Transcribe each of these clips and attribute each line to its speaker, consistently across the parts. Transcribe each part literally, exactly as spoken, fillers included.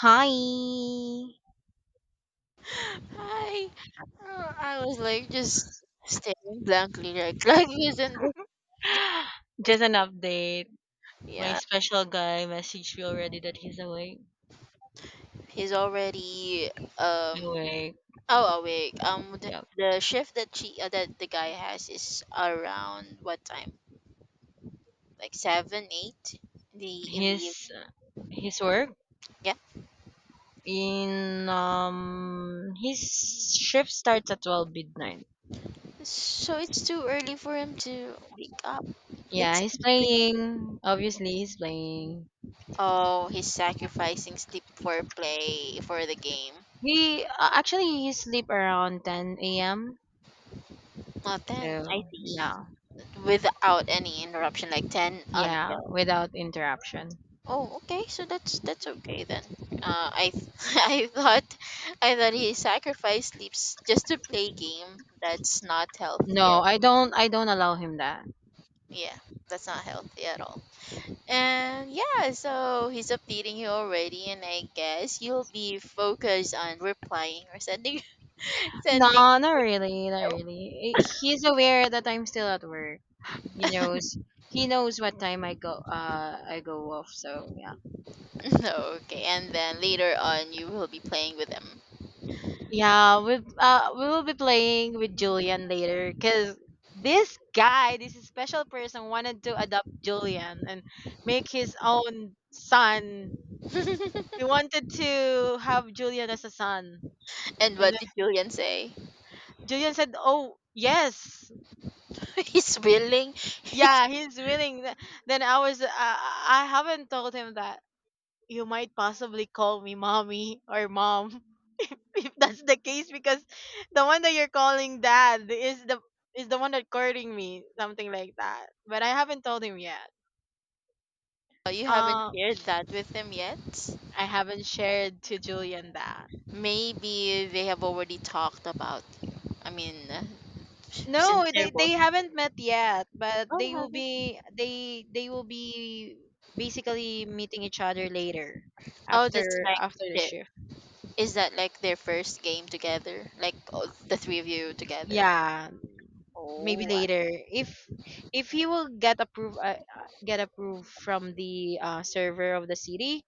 Speaker 1: Hi.
Speaker 2: Hi. Uh, I was like just staring blankly, like like isn't this, this
Speaker 1: Just an update. My
Speaker 2: yeah,
Speaker 1: special guy messaged me already that he's awake.
Speaker 2: he's already um
Speaker 1: Awake.
Speaker 2: oh, awake. Um the,
Speaker 1: Yep.
Speaker 2: the shift that she uh, that the guy has is around what time? Like seven eight in the in the
Speaker 1: His
Speaker 2: evening.
Speaker 1: his work
Speaker 2: Yeah.
Speaker 1: in um his shift starts at twelve midnight.
Speaker 2: So it's too early for him to wake up.
Speaker 1: Yeah,
Speaker 2: It's
Speaker 1: he's
Speaker 2: like,
Speaker 1: playing. Obviously, he's playing.
Speaker 2: oh, he's sacrificing sleep for play for the game.
Speaker 1: He uh, actually he sleep around ten a m.
Speaker 2: Not then, I
Speaker 1: So
Speaker 2: see.
Speaker 1: yeah,
Speaker 2: Without any interruption, like ten
Speaker 1: yeah,
Speaker 2: until
Speaker 1: without interruption.
Speaker 2: oh, okay, so that's that's okay then. uh i th- i thought I thought he sacrificed sleeps just to play game. That's not
Speaker 1: No,
Speaker 2: healthy at,
Speaker 1: I don't. I don't allow him that.
Speaker 2: yeah, that's not healthy at all. And yeah, so he's updating you already, and I guess you'll be focused on replying or sending sending
Speaker 1: No, not really, not
Speaker 2: oh,
Speaker 1: really. Eh, he's aware that I'm still at work. He knows. He knows what time I go. Uh, I go off. So yeah,
Speaker 2: okay, and then later on you will be playing with them.
Speaker 1: yeah. We uh we will be playing with Julian later because this guy, this special person, wanted to adopt Julian and make his own son. He wanted to have Julian as a son,
Speaker 2: And
Speaker 1: and
Speaker 2: what
Speaker 1: then
Speaker 2: did Julian say?
Speaker 1: Julian said, "Oh yes,
Speaker 2: He's willing.
Speaker 1: yeah, he's willing." Th- Then I was. Uh, I I haven't told him that. You might possibly call me mommy or mom if that's the case because the one that you're calling dad is the is the one that courting me something like that, but I haven't told him yet.
Speaker 2: Uh, you haven't
Speaker 1: uh,
Speaker 2: shared that with them yet?
Speaker 1: I haven't shared to Julian that.
Speaker 2: Maybe they have already talked about you. I mean, uh, s- since
Speaker 1: No,
Speaker 2: they're
Speaker 1: they they
Speaker 2: both.
Speaker 1: haven't met yet, but
Speaker 2: Oh,
Speaker 1: they
Speaker 2: they
Speaker 1: will
Speaker 2: haven't.
Speaker 1: be, they they will be basically meeting each other later,
Speaker 2: Oh, that's
Speaker 1: after
Speaker 2: like
Speaker 1: after the
Speaker 2: their,
Speaker 1: shift.
Speaker 2: is that like their first game together? Like, oh, the three of you together?
Speaker 1: Yeah, maybe
Speaker 2: Oh,
Speaker 1: later, if if he will get approved uh, uh, get approved from the uh, server of the city,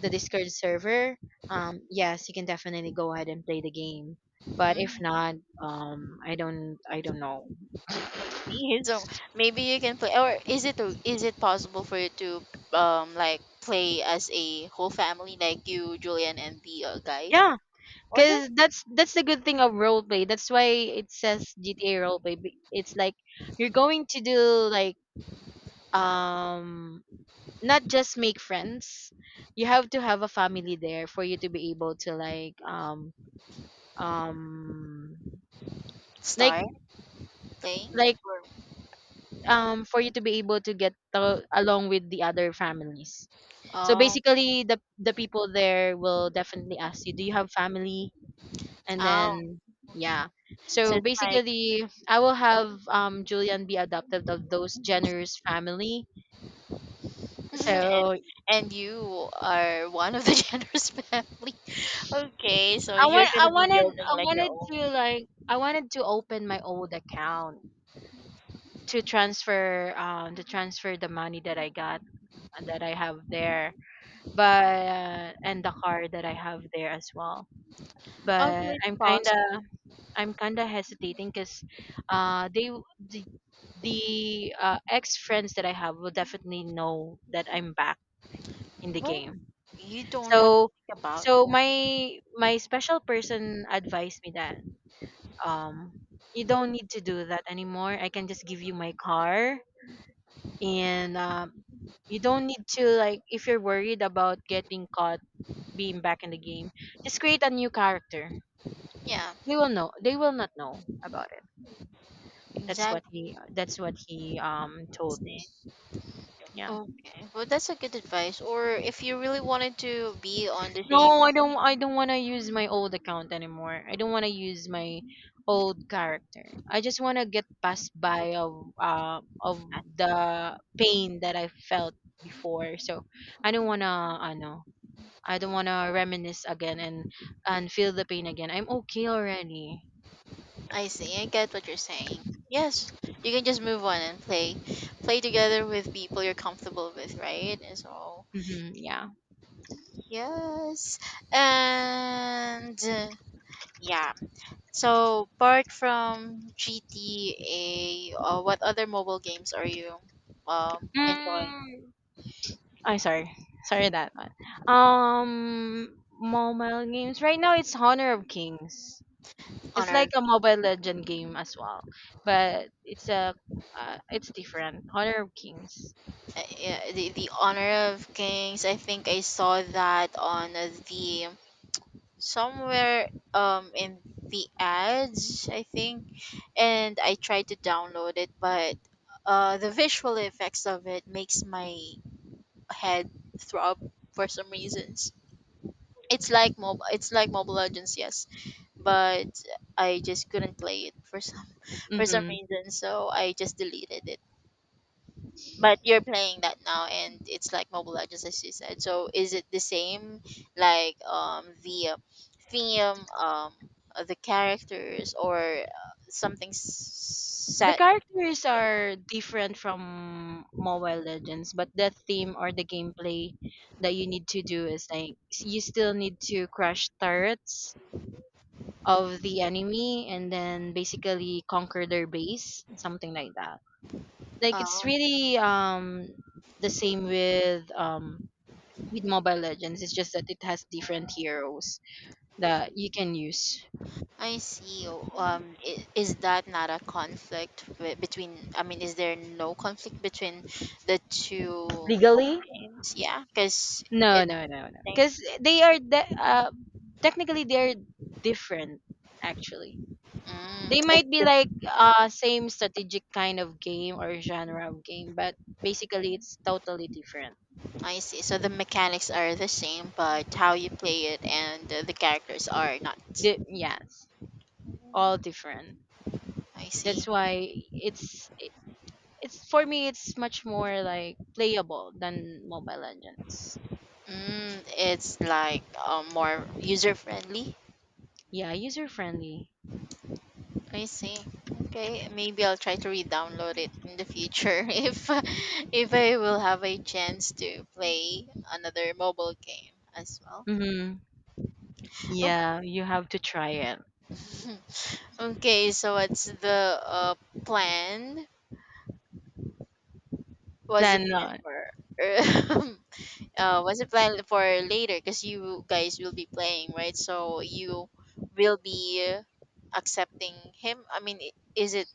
Speaker 1: the Discord server. Um, yes, you can definitely go ahead and play the game, but if
Speaker 2: mm,
Speaker 1: not, um I don't i don't know.
Speaker 2: I see. So maybe you can play, or is it is it possible for you to um like play as a whole family, like you, Julian, and the uh, guy?
Speaker 1: yeah,
Speaker 2: Or then
Speaker 1: because that's that's the good thing of roleplay, that's why it says GTA roleplay, be- it's like you're going to do like, um, not just make friends, you have to have a family there for you to be able to like, um, um, like
Speaker 2: start playing?
Speaker 1: like
Speaker 2: Or,
Speaker 1: um, for you to be able to get to, along with the other families. So
Speaker 2: oh,
Speaker 1: basically the the people there will definitely ask you, do you have family, and
Speaker 2: ow.
Speaker 1: then yeah.
Speaker 2: So
Speaker 1: So
Speaker 2: it's like
Speaker 1: basically I will have, um, Julian be adopted of those generous family.
Speaker 2: and,
Speaker 1: So
Speaker 2: and you are one of the generous family. Okay, so
Speaker 1: I
Speaker 2: you're
Speaker 1: want, i
Speaker 2: gonna be
Speaker 1: wanted
Speaker 2: building
Speaker 1: i
Speaker 2: like your
Speaker 1: wanted to
Speaker 2: own.
Speaker 1: like, I wanted to open my old account to transfer, um to transfer the money that I got, uh, that I have there, but and the car that I have there as well.
Speaker 2: Also,
Speaker 1: But
Speaker 2: it's
Speaker 1: I'm
Speaker 2: possible.
Speaker 1: kinda, I'm kinda hesitating because uh they w- the the uh, ex friends that I have will definitely know that I'm back in the
Speaker 2: Well,
Speaker 1: game.
Speaker 2: you don't have to
Speaker 1: So
Speaker 2: think about
Speaker 1: so
Speaker 2: that.
Speaker 1: my my special person advised me that, um, you don't need to do that anymore. I can just give you my car and, um, you don't need to like, if you're worried about getting caught being back in the game, just create a new character.
Speaker 2: Yeah,
Speaker 1: They will know they will not know about it. That's what
Speaker 2: exactly.
Speaker 1: he uh, that's what he um told me. Yeah.
Speaker 2: Okay, well, that's a good advice. Or if you really wanted to be on the same
Speaker 1: No, I don't, I don't want to use my old account anymore. I don't want to use my old character. I just want to get past by of uh, of the pain that I felt before. So I don't want to, I know, I don't want to reminisce again and and feel the pain again. I'm okay already.
Speaker 2: I see. I get what you're saying. Yes, you can just move on and play, play together with people you're comfortable with, right? And so
Speaker 1: Mhm, yeah.
Speaker 2: yes. And uh, yeah. So apart from G T A, uh, what other mobile games are you um enjoying?
Speaker 1: Mm, I'm sorry. Sorry that one. Um, mobile games. Right now, it's Honor of Kings. It's like
Speaker 2: Honor
Speaker 1: a Mobile Legend game as well, but it's a uh, it's different. Honor of Kings.
Speaker 2: uh, yeah, the, the Honor of Kings. I think I saw that on the somewhere um in the ads, I think. And I tried to download it, but uh the visual effects of it makes my head throb for some reasons. It's like mob. It's like Mobile Legends, yes, but I just couldn't play it for some for some
Speaker 1: Mm-hmm.
Speaker 2: reason, so I just deleted it. But you're playing that now, and it's like Mobile Legends, as you said. So is it the same, like um the uh, theme, um uh, the characters, or uh, something s-
Speaker 1: The
Speaker 2: set?
Speaker 1: characters are different from Mobile Legends, but the theme or the gameplay that you need to do is like, s- you still need to crush turrets of the enemy and then basically conquer their base, something like that. Like it's
Speaker 2: Yeah.
Speaker 1: really, um, the same with, um, with Mobile Legends. It's just that it has different heroes that you can use.
Speaker 2: I see. Oh, um, I- is that not a conflict wi- between? I mean, is there no conflict between the two games? Yeah, because
Speaker 1: No,
Speaker 2: it's
Speaker 1: no, no,
Speaker 2: the
Speaker 1: no.
Speaker 2: same.
Speaker 1: Because they are de- uh, technically they're different. Actually,
Speaker 2: Mm,
Speaker 1: they
Speaker 2: it's
Speaker 1: might be
Speaker 2: the,
Speaker 1: like uh same strategic kind of game or genre of game, but basically it's totally different.
Speaker 2: I see. So the mechanics are the same, but how you play it and uh, the characters are not.
Speaker 1: Di- yes, all different.
Speaker 2: I see.
Speaker 1: That's why it's it- it's for me it's much more like playable than Mobile Legends.
Speaker 2: Mm, it's like um, more user friendly
Speaker 1: Yeah, user friendly.
Speaker 2: I see. Okay, maybe I'll try to re-download it in the future if if I will have a chance to play another mobile game as well.
Speaker 1: Hmm.
Speaker 2: Oh,
Speaker 1: Yeah, you have to try it.
Speaker 2: okay, so what's the uh, plan? What's the
Speaker 1: Plan
Speaker 2: plan
Speaker 1: on.
Speaker 2: for? uh, what's the plan for later? Because you guys will be playing, right? So you will be accepting him. I mean, I- is it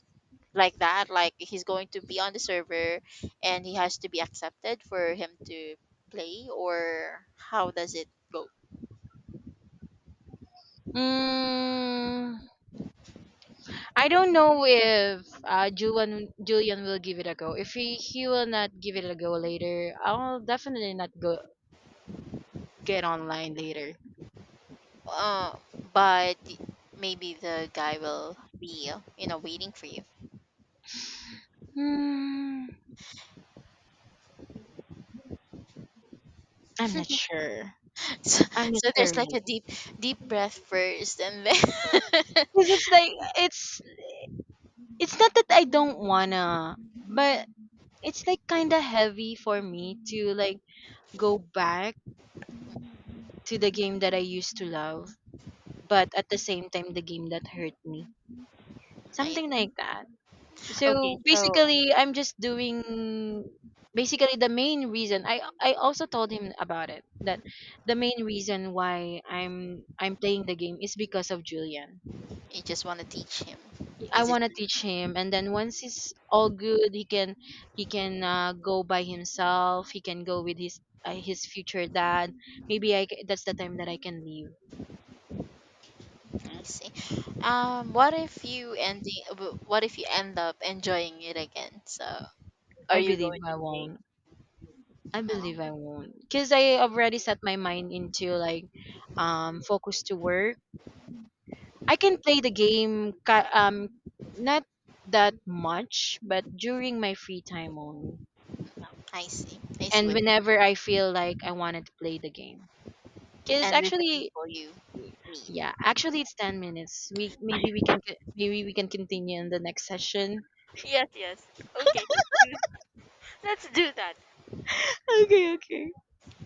Speaker 2: like that like he's going to be on the server and he has to be accepted for him to play or how does it go
Speaker 1: Mm, I don't know if, uh, Julian Julian will give it a go. If he, he will not give it a go later, I'll definitely not go get online later.
Speaker 2: uh, but maybe the guy will be, you know, waiting for you
Speaker 1: Hmm, I'm not sure.
Speaker 2: so,
Speaker 1: I'm not
Speaker 2: so
Speaker 1: sure
Speaker 2: there's like
Speaker 1: really,
Speaker 2: a deep deep breath first and then
Speaker 1: because it's like, it's it's not that I don't wanna, but it's like kind of heavy for me to like go back to the game that I used to love, but at the same time the game that hurt me.
Speaker 2: I,
Speaker 1: Something like that.
Speaker 2: okay
Speaker 1: So
Speaker 2: so
Speaker 1: basically, I'm just doing, basically the main reason. I I also told him about it that the main reason why I'm I'm playing the game is because of Julian.
Speaker 2: you just want to teach him
Speaker 1: I
Speaker 2: as it
Speaker 1: want to teach him, and then once he's all good, he can he can uh, go by himself. He can go with his, uh, his future dad. Maybe I ca- that's the time that I can leave.
Speaker 2: I see. Um, what if you ending? What if you end up enjoying it again? So, are
Speaker 1: I
Speaker 2: you
Speaker 1: believe
Speaker 2: going
Speaker 1: I
Speaker 2: to stay?
Speaker 1: won't. I
Speaker 2: Uh,
Speaker 1: believe I won't, cause I already set my mind into like, um, focus to work. I can play the game, ki- um not that much, but during my free time only.
Speaker 2: I see. I see
Speaker 1: And
Speaker 2: what
Speaker 1: whenever I feel like I wanted to play the game. Cuz
Speaker 2: and with the
Speaker 1: actually,
Speaker 2: people you meet.
Speaker 1: yeah, actually it's ten minutes. We maybe we can co- maybe we can continue in the next session. Okay, okay.